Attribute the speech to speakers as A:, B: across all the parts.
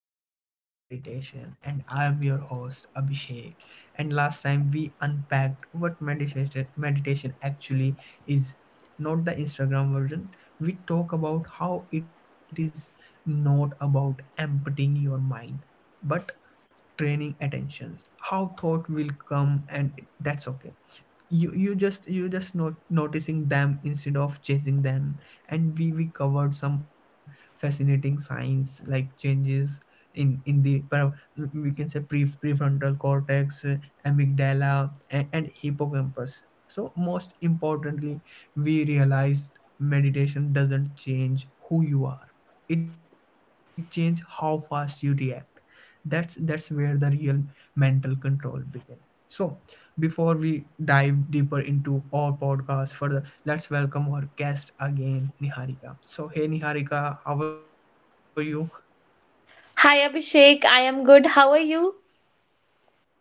A: the science of meditation. And I am your host, Abhishek. And last time we unpacked what meditation actually is, not the Instagram version. We talk about how it is not about emptying your mind, but training attentions how thought will come and that's okay, you you just not noticing them instead of chasing them. And we covered some fascinating science like changes in the we can say prefrontal cortex, amygdala, and hippocampus. So most importantly, we realized meditation doesn't change who you are, it changes how fast you react. That's where the real mental control begin. So, before we dive deeper into our podcast further, let's welcome our guest again, Niharika. So, hey Niharika, how are you?
B: Hi Abhishek, I am good. How are you?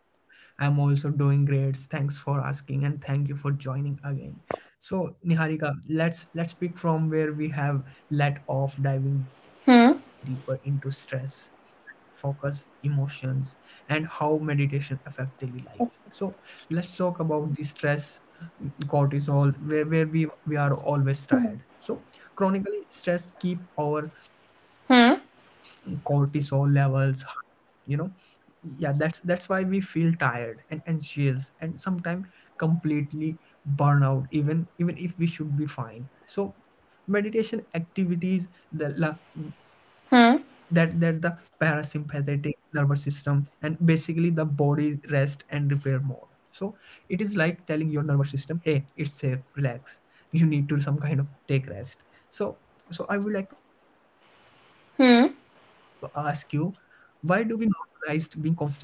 A: I'm also doing great. Thanks for asking and thank you for joining again. So, Niharika, let's pick from where we have let off, diving deeper into
B: Hmm.
A: stress, focus, emotions, and how meditation affect daily life. So let's talk about the stress cortisol, where we are always tired.
B: Hmm.
A: So chronically stress keep our
B: Hmm.
A: cortisol levels, you know. Yeah, that's why we feel tired and anxious and sometimes completely burnout even if we should be fine. So meditation activities that la, that that the
B: Hmm.
A: parasympathetic nervous system, and basically the body's rest and repair mode. So it is like telling your nervous system, hey, it's safe, relax, you need to some kind of take rest. So so I would like to ask you,
B: Hmm.
A: why do we normalize being constantly stressed? Yeah,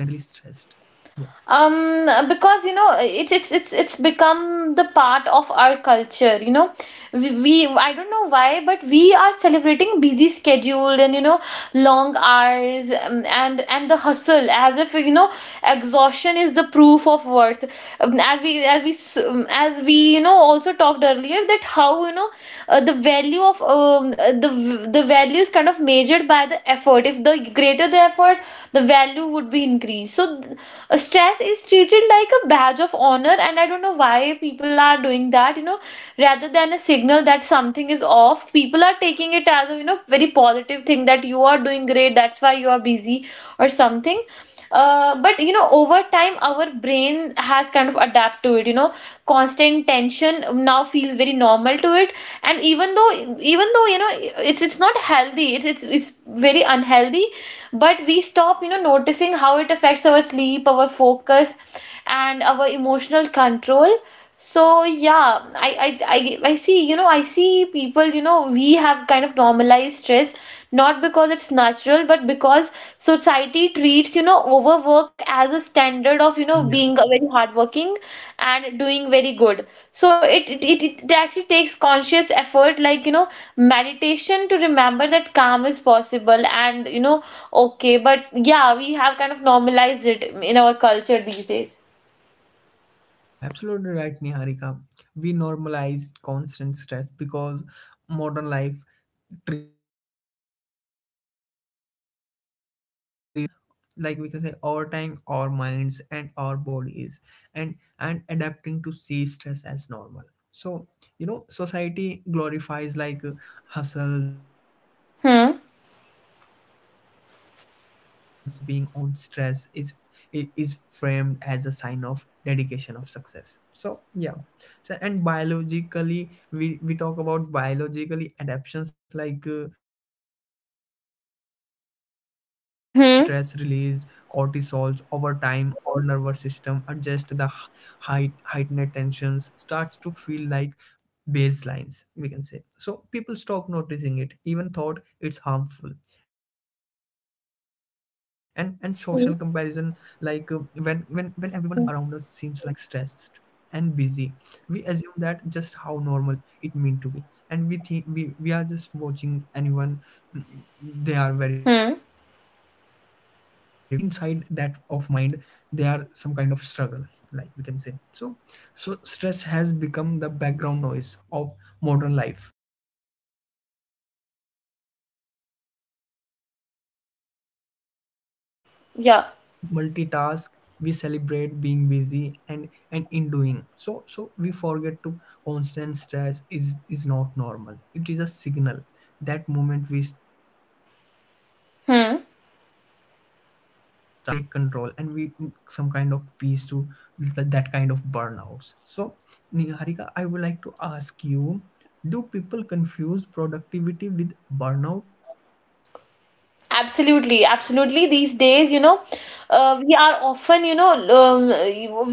B: Because it's become the part of our culture, we, I don't know why, but we are celebrating busy schedule and, you know, long hours, and the hustle, as if, you know, exhaustion is the proof of worth. As we, as we, also talked earlier, that how, you know, the value of, the value is kind of measured by the effort. If the greater the effort, the value would be increased. So stress is treated like a badge of honor, and I don't know why people are doing that, you know, rather than a signal that something is off. People are taking it as a, you know, very positive thing that you are doing great, that's why you are busy or something. But you know, over time our brain has kind of adapt to it, you know, constant tension now feels very normal to it. And even though you know, it's not healthy, it's very unhealthy, but we stop, you know, noticing how it affects our sleep, our focus, and our emotional control. So yeah, I see, you know, I see people, you know, we have kind of normalized stress, not because it's natural, but because society treats, you know, overwork as a standard of, you know, being
A: yeah.
B: a very hardworking and doing very good. So it actually takes conscious effort, like, you know, meditation to remember that calm is possible and, you know, okay, but yeah, we have kind of normalized it in our culture these days.
A: Yeah, absolutely right, Niharika. We normalized constant stress because modern life treats like busyness as the default. So and over time, like we can say, our time, our minds, and our bodies and adapting to see stress as normal. So you know, society glorifies like, hustles, long
B: Hmm.
A: long work days, multitasking, and always being on. Stress is is framed as a sign of dedication, of success. So yeah. So and biologically, we talk about biologically adaptations, like, we can say chronically stress released cortisols. Over
B: Hmm.
A: time, our nervous system adjusts the heightened tensions, starts to feel like baselines, we can say. So people stop noticing it even thought it's harmful. And social comparison, like, when everyone around us seems like stressed and busy,
B: Hmm.
A: we assume that just how normal it meant to be. And we think we are just watching anyone, mm, they are very fine, they are very calm, and but
B: Hmm.
A: but but in inside that of mind, they are some kind of struggle, like we can say. So so stress has become the background noise of modern life. So we rush,
B: Yeah.
A: we multitask, we celebrate being busy, and in doing so, so we forget to, constant stress is not normal, it is a signal. That moment we start noticing it,
B: Hmm.
A: we can finally take control and we some kind of peace to that, that kind of burnouts. So Niharika, I would like to ask you, do people confuse productivity with burnouts? Yeah.
B: Absolutely. Absolutely. These days, you know, we are often, you know, um,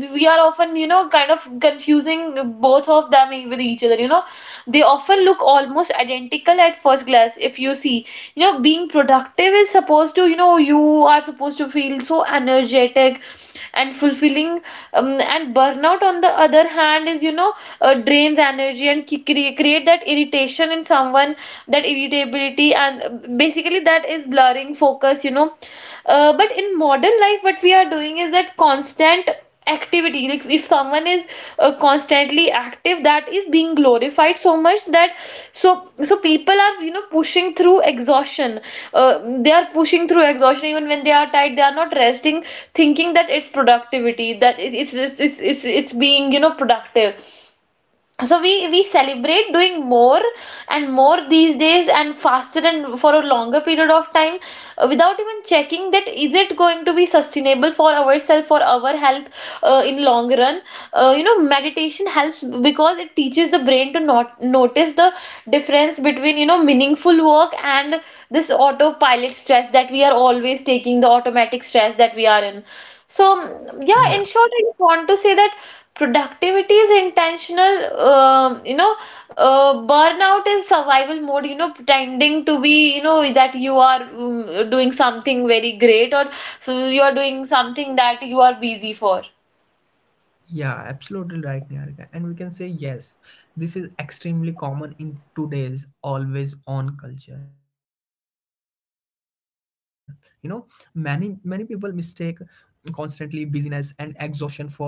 B: we are often, you know, kind of confusing both of them with each other. You know, they often look almost identical at first glance. If you see, you know, being productive is supposed to, you know, you are supposed to feel so energetic and fulfilling. And burnout on the other hand is, you know, drains energy and create that irritation in someone, that irritability, and basically that is blurring focus, you know. But in modern life, what we are doing is that constant activity, like if someone is constantly active, that is being glorified so much that, so so people are, you know, pushing through exhaustion. They are pushing through exhaustion. Even when they are tired, they are not resting, thinking that it's productivity, that it's being, you know, productive. So we celebrate doing more and more these days, and faster and for a longer period of time, without even checking that is it going to be sustainable for ourselves, for our health, in long run. You know, meditation helps because it teaches the brain to not notice the difference between, you know, meaningful work and this autopilot stress that we are always taking, the automatic stress that we are in. So, yeah,
A: Yeah.
B: in short, I just want to say that productivity is intentional. You know, burnout is survival mode. You know, pretending to be, you know, that you are, doing something very great, or so you are doing something that you are busy for.
A: Yeah, absolutely right, Niharika. And we can say yes, this is extremely common in today's always on culture, you know. Many people mistake constantly busyness and exhaustion for productivity.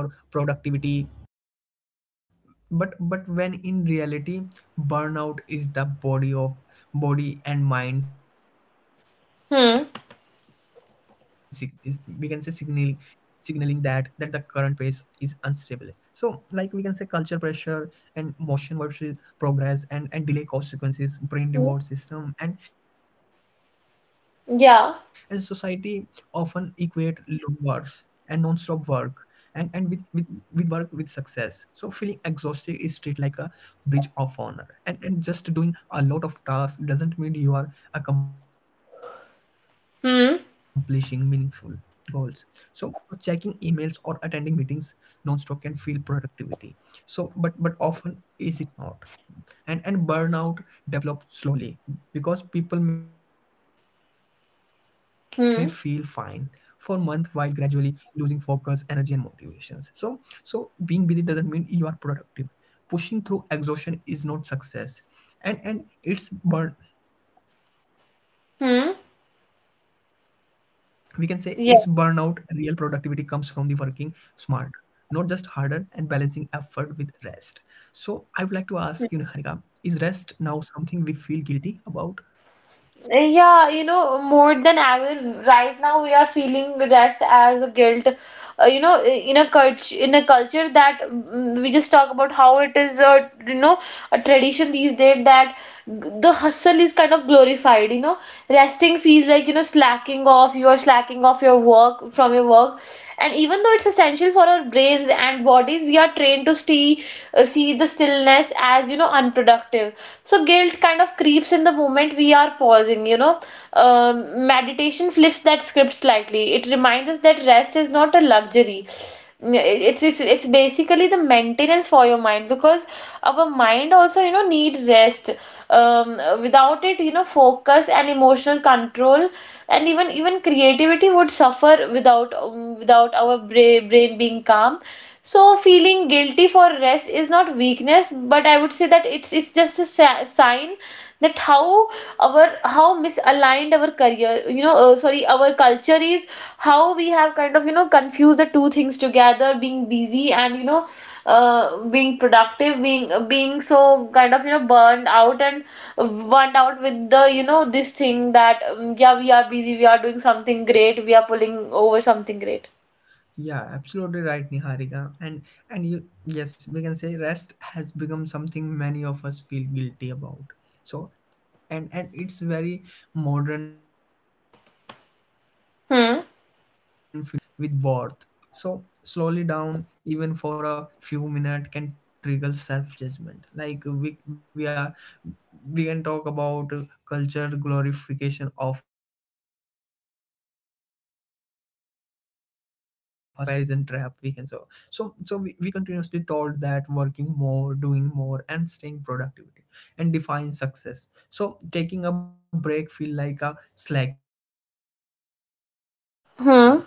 A: But when in reality, burnout is the body of body and mind is, we can say, signaling
B: Hmm.
A: signaling that that the current pace is unstable. So like we can say, culture pressure and motion versus progress, and delay consequences, brain reward
B: Hmm.
A: system. And society often equate
B: Yeah.
A: long hours and non-stop work and with work with success. So feeling exhausted is treated like a bridge of honor. And just doing a lot of tasks doesn't mean you are accomplishing meaningful goals. So
B: Hmm.
A: checking emails or attending meetings non-stop can feel productivity, so but often, is it not. And and burnout develops slowly, because people may feel fine for month while gradually
B: Hmm.
A: losing focus, energy, and motivations. So so being busy doesn't mean you are productive, pushing through exhaustion is not success, and it's burn, we can say it's burnout.
B: Hmm.
A: Real productivity comes from the working
B: Yeah.
A: smart, not just harder, and balancing effort with rest. So I would like to ask you, Niharika, is rest
B: Hmm.
A: now something we feel guilty about?
B: Yeah, you know, more than ever. Right now we are feeling rest as a guilt. You know, in a culture that, we just talk about how it is a, you know, a tradition these days that the hustle is kind of glorified. You know, resting feels like, you know, slacking off. You are slacking off your work, from your work. And even though it's essential for our brains and bodies, we are trained to see, see the stillness as, you know, unproductive. So guilt kind of creeps in the moment we are pausing, you know. um, Meditation flips that script slightly. It reminds us that rest is not a luxury. It's basically the maintenance for your mind, because our mind also, you know, need rest. Without it, you know, focus and emotional control and even creativity would suffer without, without our brain being calm. So feeling guilty for rest is not weakness, but I would say that it's just a sign that how our, how misaligned our career, you know, sorry, our culture is, how we have kind of, you know, confused the two things together, being busy and, you know, being productive, being, being so kind of, you know, burned out, and burned out with the, you know, this thing that, yeah, we are busy, we are doing
A: Yeah.
B: something great, we are pulling over something great.
A: Yeah, absolutely right, Niharika. And you yes, we can say rest has become something many of us feel guilty about. So and it's very modern phenomena in today's culture. Yeah,
B: Hmm.
A: business is equate with worth. So slowly down even for a few minutes can trigger self judgment. Like we are, we can talk about, culture glorification of hustle, and we can say misunderstanding rest and comparison trap, we can. So so so we continuously told that working more, doing more, and staying productivity and define success. So taking a break feel like a slacking. And over
B: Hmm.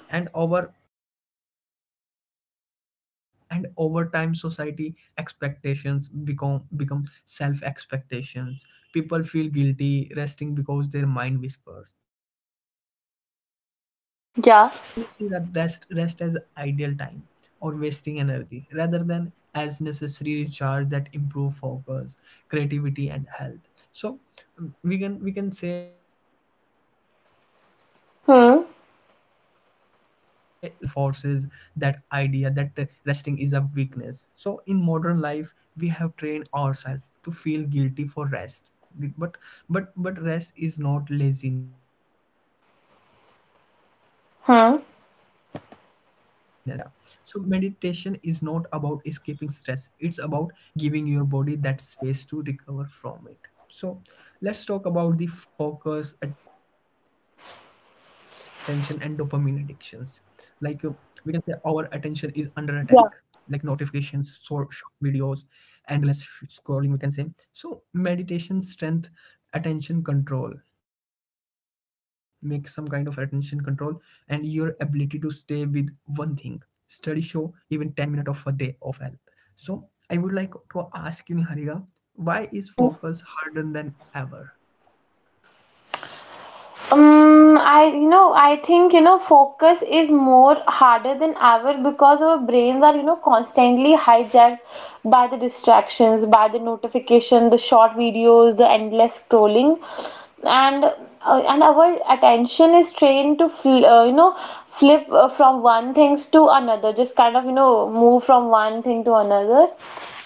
A: and over time, society expectations become self expectations. People feel guilty resting because their mind whispers, so I should be doing something, like that we can say. So
B: Yeah.
A: many see that rest as ideal time or wasting energy, rather than as necessary recharge that improve focus, creativity, and health. So we can say, like seeing others constantly busy on
B: Hmm.
A: social media and reinforces that idea that, resting is a weakness. So in modern life, we have trained ourselves to feel guilty for rest. Be- But but rest is not laziness. We can say rest is not laziness, it's
B: Hmm.
A: maintenance. Yeah. So meditation is not about escaping stress. It's about giving your body that space to recover from it. So let's talk about the focus, attention, and dopamine addictions. Like, we can say our attention is under attack, like notifications,
B: Yeah.
A: short videos, endless scrolling, we can say. So meditation strength attention control, make some kind of attention control and your ability to stay with one thing. Study show even 10 minutes of a day of help. So I would like to ask you, Niharika, why is
B: Hmm.
A: focus harder than ever?
B: I, you know, I think, you know, focus is more harder than ever, because our brains are, you know, constantly hijacked by the distractions, by the notification, the short videos, the endless scrolling, and and our attention is trained to, fl you know, flip, from one things to another, just kind of, you know, move from one thing to another.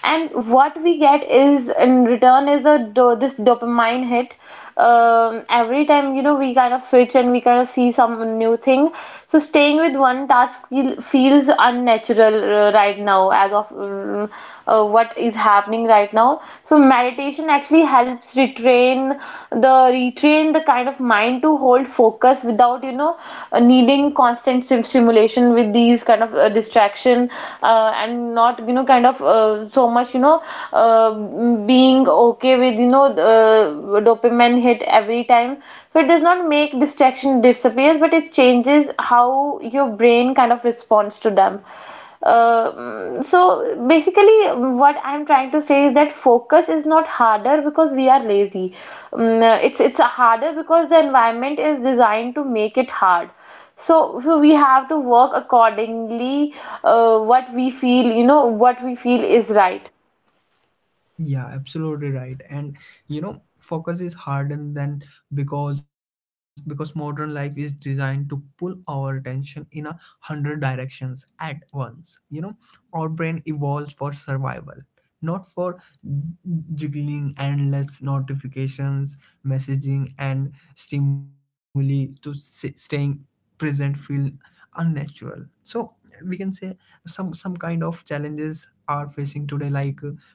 B: And what we get is in return is a do this dopamine hit every time, you know, we kind of switch and we kind of see some new thing. So staying with one task feels unnatural, right now as of, what is happening right now. So meditation actually helps retrain the, kind of mind to hold focus without, you know, needing constant stimulation with these kind of, distraction, and not, you know, kind of, so much, you know, uh, being okay with, you know, dopamine hit every time. So it does not make distraction disappears, but it changes how your brain kind of responds to them. So basically, what I'm trying to say is that focus is not harder because we are lazy. It's harder because the environment is designed to make it hard. So, so we have to work accordingly, what we feel, you know, what we feel is right.
A: Yeah, absolutely right. And you know, focus is harder than, because modern life is designed to pull our attention in a hundred directions at once, you know. Our brain evolves for survival, not for juggling endless notifications, messaging, and stimuli. To staying present feel unnatural. So we can say some kind of challenges are facing today, like,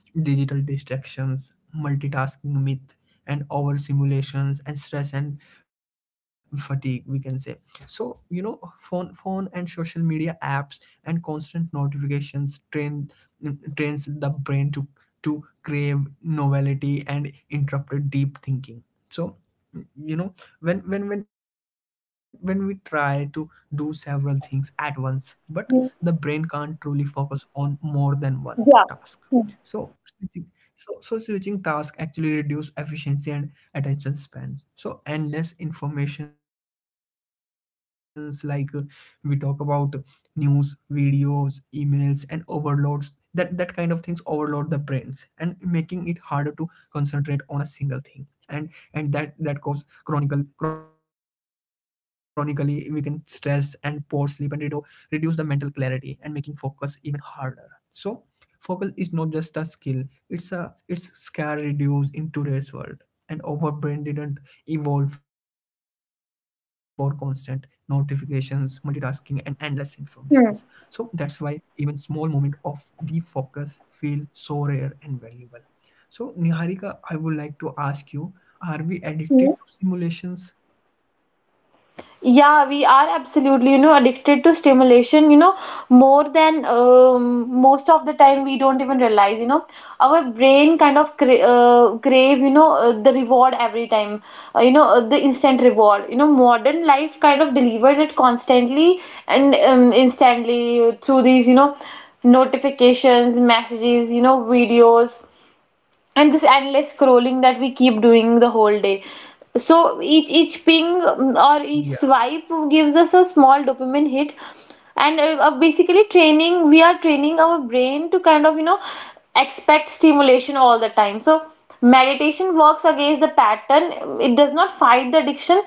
A: digital distractions, multitasking myth, and over simulations, and stress and fatigue, we can say. So you know, phone and social media apps and constant notifications trains the brain to crave novelty and interrupted deep thinking. So you know, when we try to do several things at once, but the brain can't truly focus on more
B: Yeah.
A: than one task. So switching, so so switching tasks actually reduce efficiency and attention span. So endless informations, like, we talk about news, videos, emails, and overloads. That kind of things overload the brains and making it harder to concentrate on a single thing. And that cause chronicle chronically we can stress and poor sleep and reduce the mental clarity and making focus even harder. So focus is not just a skill, it's a it's scarce reduced in today's world. And our brain didn't evolve for constant notifications, multitasking, and endless informations. So that's
B: Hmm.
A: why even small moment of deep focus feel so rare and valuable. So Niharika, I would like to ask you, are we addicted to simulations?
B: Yeah, we are absolutely, you know, addicted to stimulation, you know, more than, most of the time we don't even realize, you know, our brain kind of crave, you know, the reward every time, you know, the instant reward. You know, modern life kind of delivers it constantly and, instantly through these, you know, notifications, messages, you know, videos, and this endless scrolling that we keep doing the whole day. So each
A: Yeah.
B: ping, or each swipe gives us a small dopamine hit, and basically training we are training our brain to kind of, you know, expect stimulation all the time. So meditation works against the pattern. It does not fight the addiction,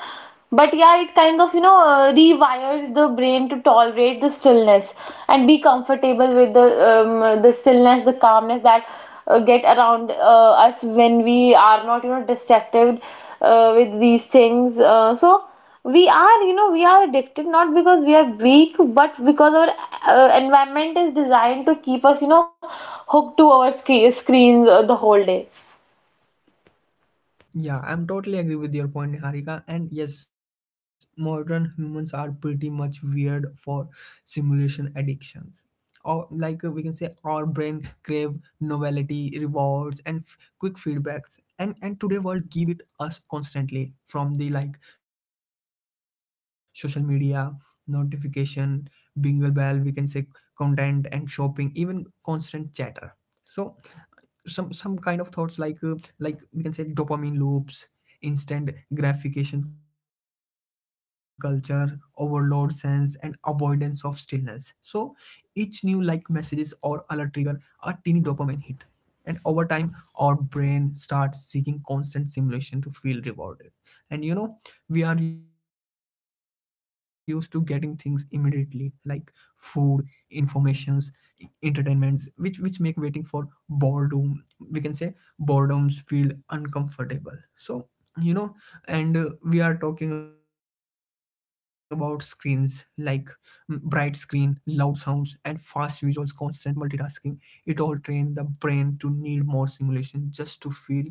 B: but yeah, it kind of, you know, rewires the brain to tolerate the stillness and be comfortable with the, the stillness, the calmness that get around us when we are not, you know, distracted with these things. So we
A: Yeah.
B: are, you know, we are addicted not because we are weak, but because our environment is designed to keep us, you know, hooked to our screens, the whole day.
A: Yeah, I'm totally agree with your point, Niharika. And yes, modern humans are pretty much weird for simulation addictions. Or like, we can say, our brain crave novelty, rewards, and quick feedbacks. And today world give it us constantly from the like social media notification, bingle bell, we can say, content and shopping, even constant chatter. So some kind of thoughts like we can say dopamine loops, instant gratification, culture overload sense, and avoidance of stillness. So each new like messages or alert trigger a teeny dopamine hit, and over time our brain starts seeking constant stimulation to feel rewarded. And you know we are used to getting things immediately, like food, informations, entertainments, which make waiting for boredom, we can say, boredoms feel uncomfortable. So you know and we are talking about screens like, bright screen, loud sounds, and fast visuals, constant multitasking. It all train the brain to need more simulation just to feel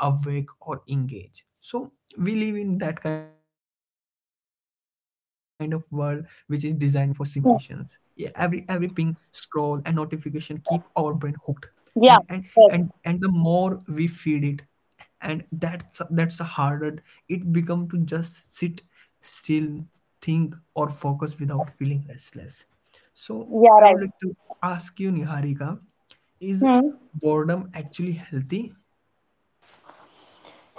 A: awake or engage. So we live in that kind of world which is designed for simulations. Yeah, every ping, scroll, and notification keep our brain hooked, and and
B: Yeah,
A: and
B: yes.
A: and the more we feed it, and that's the harder it become to just sit still, think, or focus without feeling restless. So I
B: Yeah,
A: would
B: right.
A: like to ask you, Niharika, is
B: Hmm.
A: boredom actually healthy?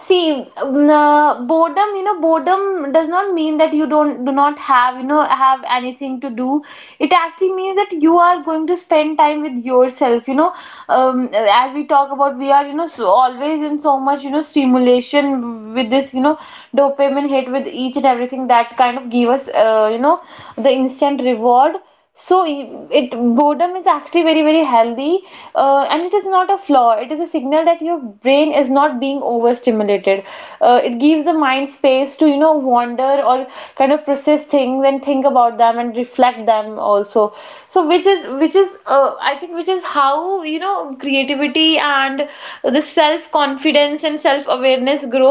B: See, boredom, you know, boredom does not mean that you don't do not have, you know, have anything to do. It actually means that you are going to spend time with yourself, you know. As we talk about, we are, so always in so much, stimulation with this, dopamine hit with each and everything that kind of give us, the instant reward so boredom is actually very very healthy. And it is not a flaw, it is a signal that your brain is not being overstimulated. It gives the mind space to, you know, wander or kind of process things and think about them and reflect them also. So which is I think which is how, you know, creativity and the self confidence and self awareness fitness grow.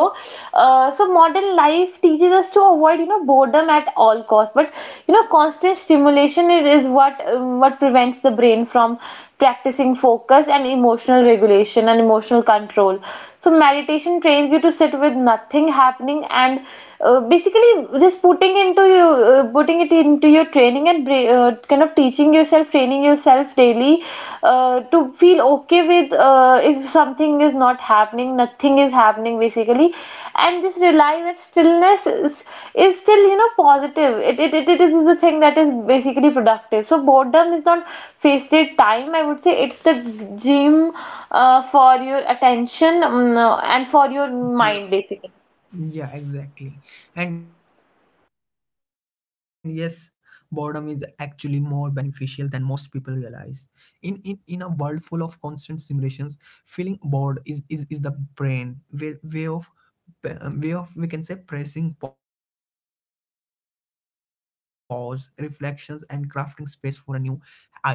B: So modern life teaches us to avoid, you know, boredom at all costs, but you know constant stimulation, it is what prevents the brain from practicing focus and emotional regulation and emotional control. So meditation trains you to sit with nothing happening and basically just putting into you, putting it into your training and kind of teaching yourself, training yourself daily to feel okay with, if something is not happening, nothing is happening basically, and just realize that is still, you know, positive. It is the thing that is basically productive. So boredom is not wasted time. I would say it's the gym for your attention and for your
A: Yeah.
B: mind basically.
A: Yeah, exactly. And yes, boredom is actually more beneficial than most people realize. In a world full of constant simulations, feeling bored is the brain way, of way of, we can say, pressing pause, reflections, and crafting space for a new ideas and new habits. So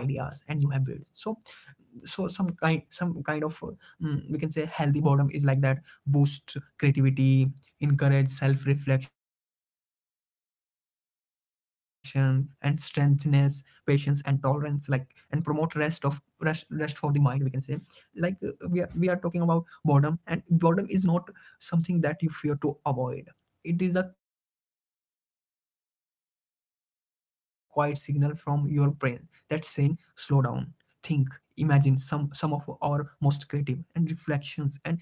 A: some kind of, we can say, healthy boredom is like that: boost creativity, encourage self-reflection, and strengthens patience and tolerance like, and promote rest of rest for the mind, we can say. We are talking about boredom, and boredom is not something that you fear to avoid. It is a quiet signal from your brain that's saying slow down, think, imagine. Some of our most creative and reflections and an insightful moment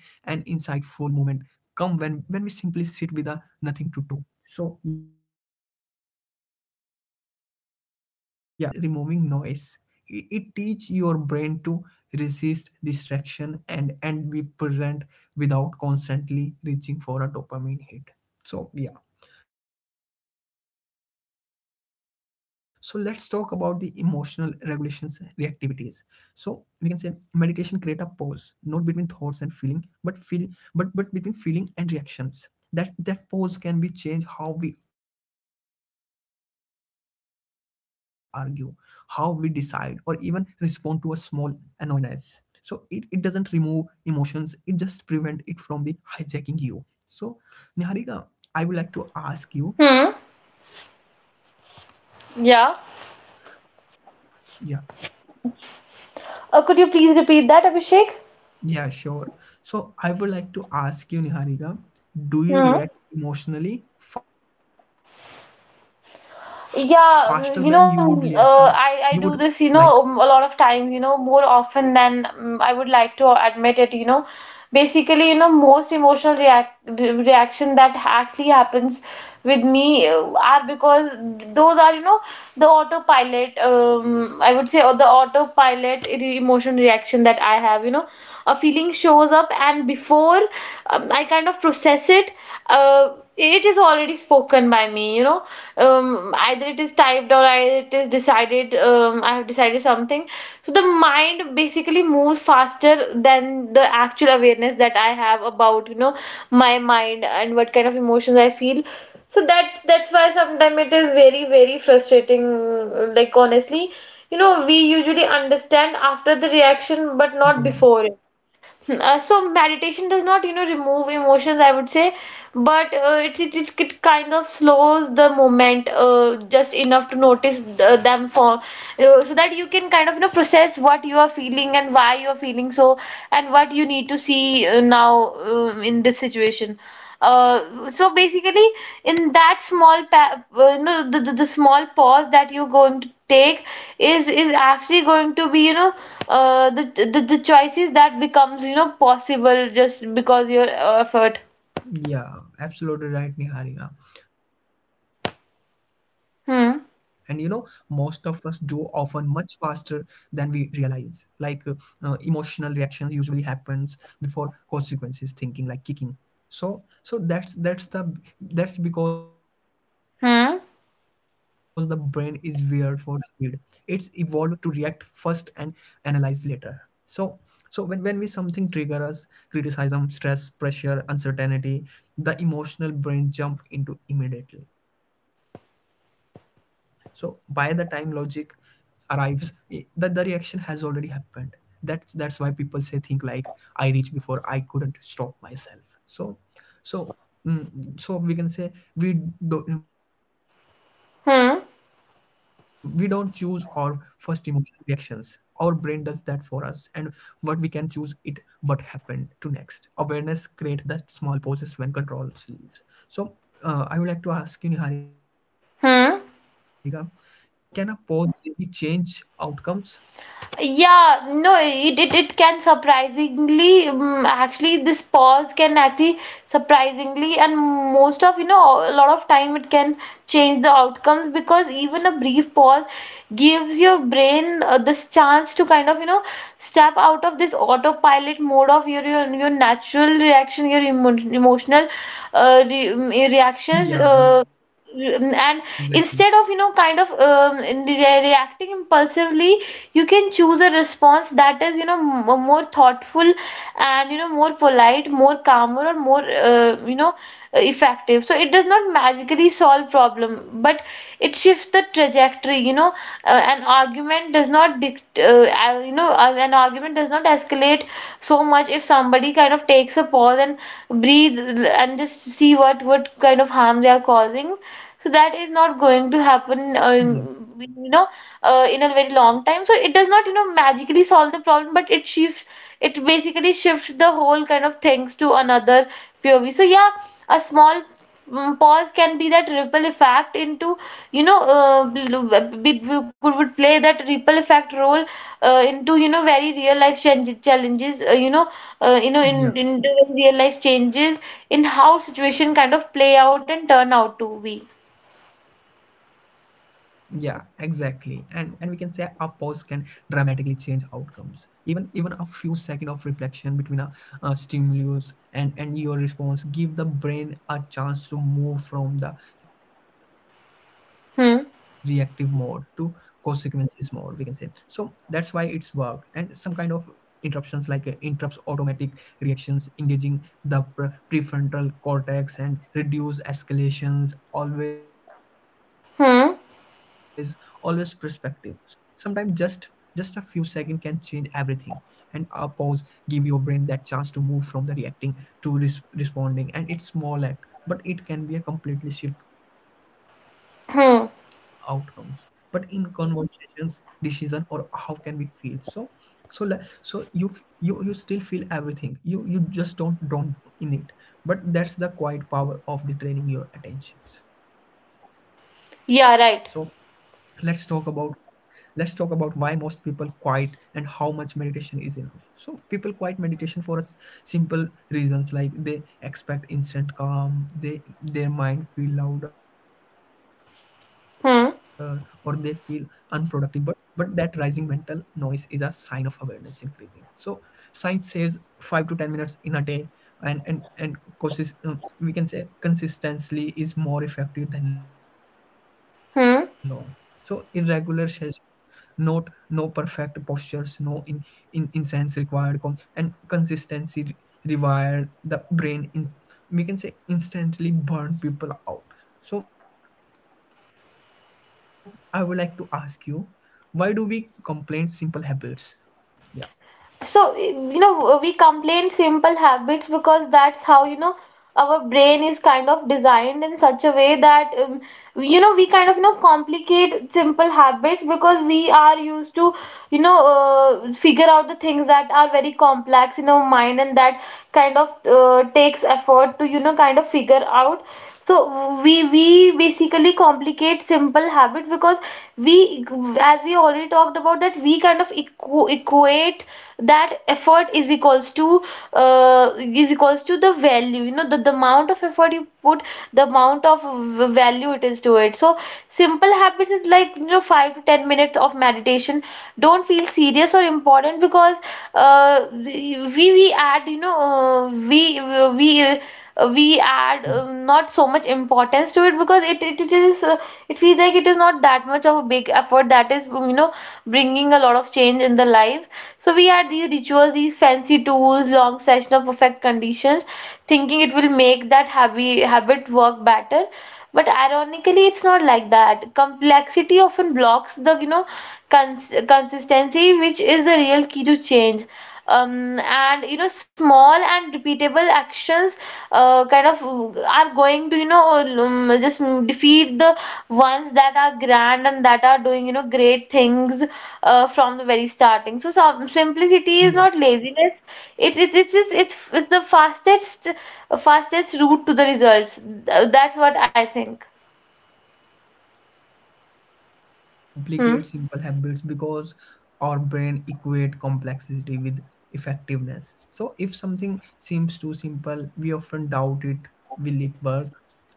A: come when we simply sit with a nothing to do. So yeah, we can say meditation is not adding calm, it is removing noise. It teach your brain to resist distraction and be present without constantly reaching for a dopamine hit. So yeah, so let's talk about the emotional regulations, reactivities. So we can say meditation create a pause, not between thoughts and feeling but feel, but between feeling and reactions. That pause can be changed how we argue, how we decide, or even respond to a small annoyance. So it doesn't remove emotions, it just prevent it from the hijacking you. So Niharika, I would like to ask you, do you
B: Hmm.
A: react emotionally faster than you
B: Yeah.
A: would like? Yeah.
B: Could you please repeat that, Abhishek?
A: Yeah, sure. So I would like to ask you, Niharika, do you
B: Hmm.
A: react emotionally faster than you would you would like?
B: Yeah, you know, I do this, you know, a lot of times, you know, more often than, I would like to admit it, you know. Basically, you know, most emotional reaction that actually happens with me are because those are, you know, the autopilot, I would say, or the autopilot emotion reaction that I have, you know, a feeling shows up and before I kind of process it, it is already spoken by me, you know, either it is typed or it is decided, I have decided something. So the mind basically moves faster than the actual awareness that I have about, you know, my mind and what kind of emotions I feel. So that's why sometimes it is very very frustrating, like honestly, you know, we usually understand after the reaction but not
A: Yeah.
B: before it. Hmm. So meditation does not, you know, remove emotions, I would say, but it kind of slows the moment just enough to notice them for, so that you can kind of, you know, process what you are feeling and why you are feeling so, and what you need to see now, in this situation. So basically, in that small pa you know, the small pause that you're going to take is actually going to be, you know, uh, the, the choices that becomes, you know, possible just because your effort.
A: Yeah, absolutely right, Niharika. And you know, most of us do often
B: Hmm.
A: much faster than we realize. Emotional reactions usually happens before consequences thinking like kicking. So that's the, that's because the brain is weird for
B: Hmm.
A: speed. It's evolved to react first and analyze later. So when we something trigger us, criticism, stress, pressure, uncertainty, the emotional brain jump into immediately. So by the time logic arrives, that the reaction has already happened. That's why people say, think like, I reached before I couldn't stop myself. So so we can say we do, we don't choose our first
B: Hmm.
A: emotional reactions. Our brain does that for us, and what we can choose it, what happened to next awareness create the small pauses when control leaves. So I would like to ask you, Niharika, can a
B: Hmm.
A: pause really change outcomes?
B: Yeah, no, it can surprisingly, actually, this pause can actually surprisingly, and most of, you know, a lot of time it can change the outcomes because even a brief pause gives your brain this chance to kind of, you know, step out of this autopilot mode of your natural reaction, your emotional re reactions.
A: Yeah, exactly.
B: Mm, and instead of, you know, kind of reacting impulsively, you can choose a response that is, you know, more thoughtful and, you know, more polite, more calmer, or more, you know, effective. So it does not magically solve problem, but it shifts the trajectory, you know, an argument does not you know, an argument does not escalate so much if somebody kind of takes a pause and breathe and just see what kind of harm they are causing. So that is not going to happen,
A: Yeah,
B: you know, in a very long time. So it does not, you know, magically solve the problem, but it shifts, it basically shifts the whole kind of things to another POV. So yeah, a small, pause can be that ripple effect into, you know, we could would play that ripple effect role into, you know, very real life challenges, you know,
A: yeah.
B: in real life changes, in how situation kind of play out and turn out to be.
A: Yeah, exactly. And we can say a pause can dramatically change outcomes. Even a few seconds of reflection between a, stimulus and your response give the brain a chance to move from the reactive mode to
B: Hmm.
A: consequences mode, we can say. So that's why it's worked. And some kind of interruptions interrupts automatic reactions, engaging the prefrontal cortex, and reduce escalations always, always perspective.
B: Hmm.
A: Sometimes just a few seconds can change everything. And a pause give your brain that chance to move from the reacting to responding, and it's small act but it can be a completely shift outcomes, but in
B: Hmm.
A: conversations, decision, or how can we feel. So so you you still feel everything, you just don't in it. But that's the quiet power of the training your attentions. So let's talk about
B: Yeah, right.
A: let's talk about why most people quiet and how much meditation is enough. So people quiet meditation for us simple reasons, like they expect instant calm, they their mind feel louder, or they feel unproductive.
B: Hmm.
A: But that rising mental noise is a sign of awareness increasing. So science says 5 to 10 minutes in a day, and causes, we can say, consistently is more effective than long, so irregular
B: Hmm.
A: sessions. Note, no perfect postures, no in incense required, and consistency required. The brain, we can say, instantly burn people out. So I would like to ask you, why do we complain simple habits? Yeah,
B: So, you know, we complain simple habits because that's how, you know, our brain is kind of designed in such a way that, you know, we kind of, you know, complicate simple habits because we are used to, you know, figure out the things that are very complex in our mind and that kind of, takes effort to, you know, kind of figure out. So we basically complicate simple habit because we, as we already talked about, that we kind of equate that effort is equals to, is equals to the value, you know, the amount of effort you put, the amount of value it is to it. So simple habits is like, you know, 5 to 10 minutes of meditation don't feel serious or important because, we add, you know, we uh, we add,
A: yeah,
B: not so much importance to it, because it is, it feels like it is not that much of a big effort that is, you know, bringing a lot of change in the life. So we add these rituals, these fancy tools, long session of perfect conditions, thinking it will make that happy habit work better. But ironically, it's not like that. Complexity often blocks the, you know, consistency, which is the real key to change. And, you know, small and repeatable actions kind of are going to, you know, just defeat the ones that are grand and that are doing, you know, great things from the very starting. So some simplicity is
A: yeah.
B: not laziness, it's the fastest route to the results. That's what I think.
A: Yeah, exactly, Niharika. We tend to
B: Hmm.
A: complicate simple habits because our brain equate complexity with effectiveness. So if something seems too simple, we often doubt it. Will it work?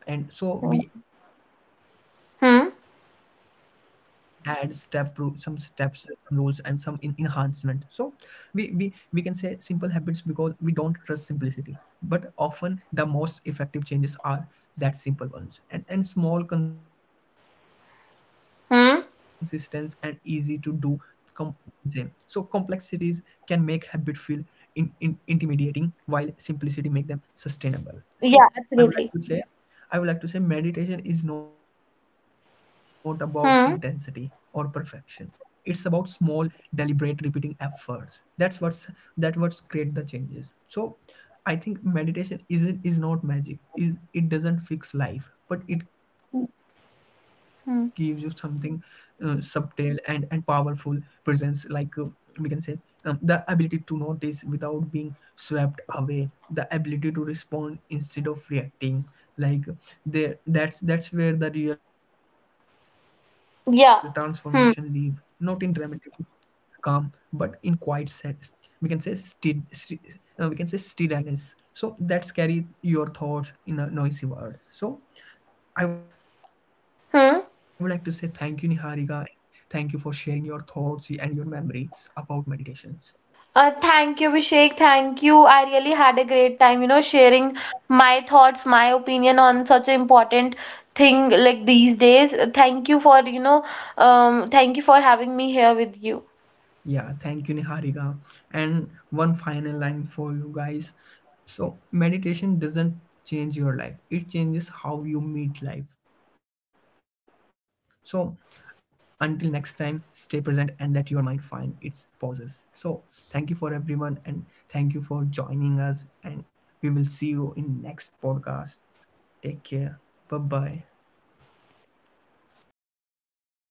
A: And so we add step some
B: Hmm.
A: steps, some rules, and some enhancement. So we can say simple habits because we don't trust simplicity. But often the most effective changes are that simple ones, and small, consistent, and easy to do com-
B: Hmm.
A: same. So complexities can make habit feel in intimidating while simplicity make them sustainable. So
B: Yeah,
A: i would like to
B: absolutely.
A: say I would like to say meditation is not about intensity or perfection.
B: Hmm.
A: It's about small, deliberate, repeating efforts. That what's create the changes. So I think meditation is not magic. Is it doesn't fix life, but it gives you something
B: Hmm.
A: subtle and powerful presence. We can say, the ability to notice without being swept away, the ability to respond instead of reacting, like they that's where the real transformation live, not in
B: Yeah.
A: dramatic
B: Hmm.
A: calm but in quiet set, we can say, we can say steadiness. So that's carry your thoughts in a noisy world. So I would like to say thank you,
B: Hmm.
A: Niharika. Thank you for sharing your thoughts and your memories about meditations.
B: Thank you, Vishek. Thank you. I really had a great time, you know, sharing my thoughts, my opinion on such an important thing like these days. Thank you for, you know, thank you for having me here with you.
A: Yeah, thank you, Niharika. And one final line for you guys. So, meditation doesn't change your life, it changes how you meet life. So, until next time, stay present and let your mind find its pauses. So, thank you for everyone, and thank you for joining us. And we will see you in next podcast. Take care. Bye bye.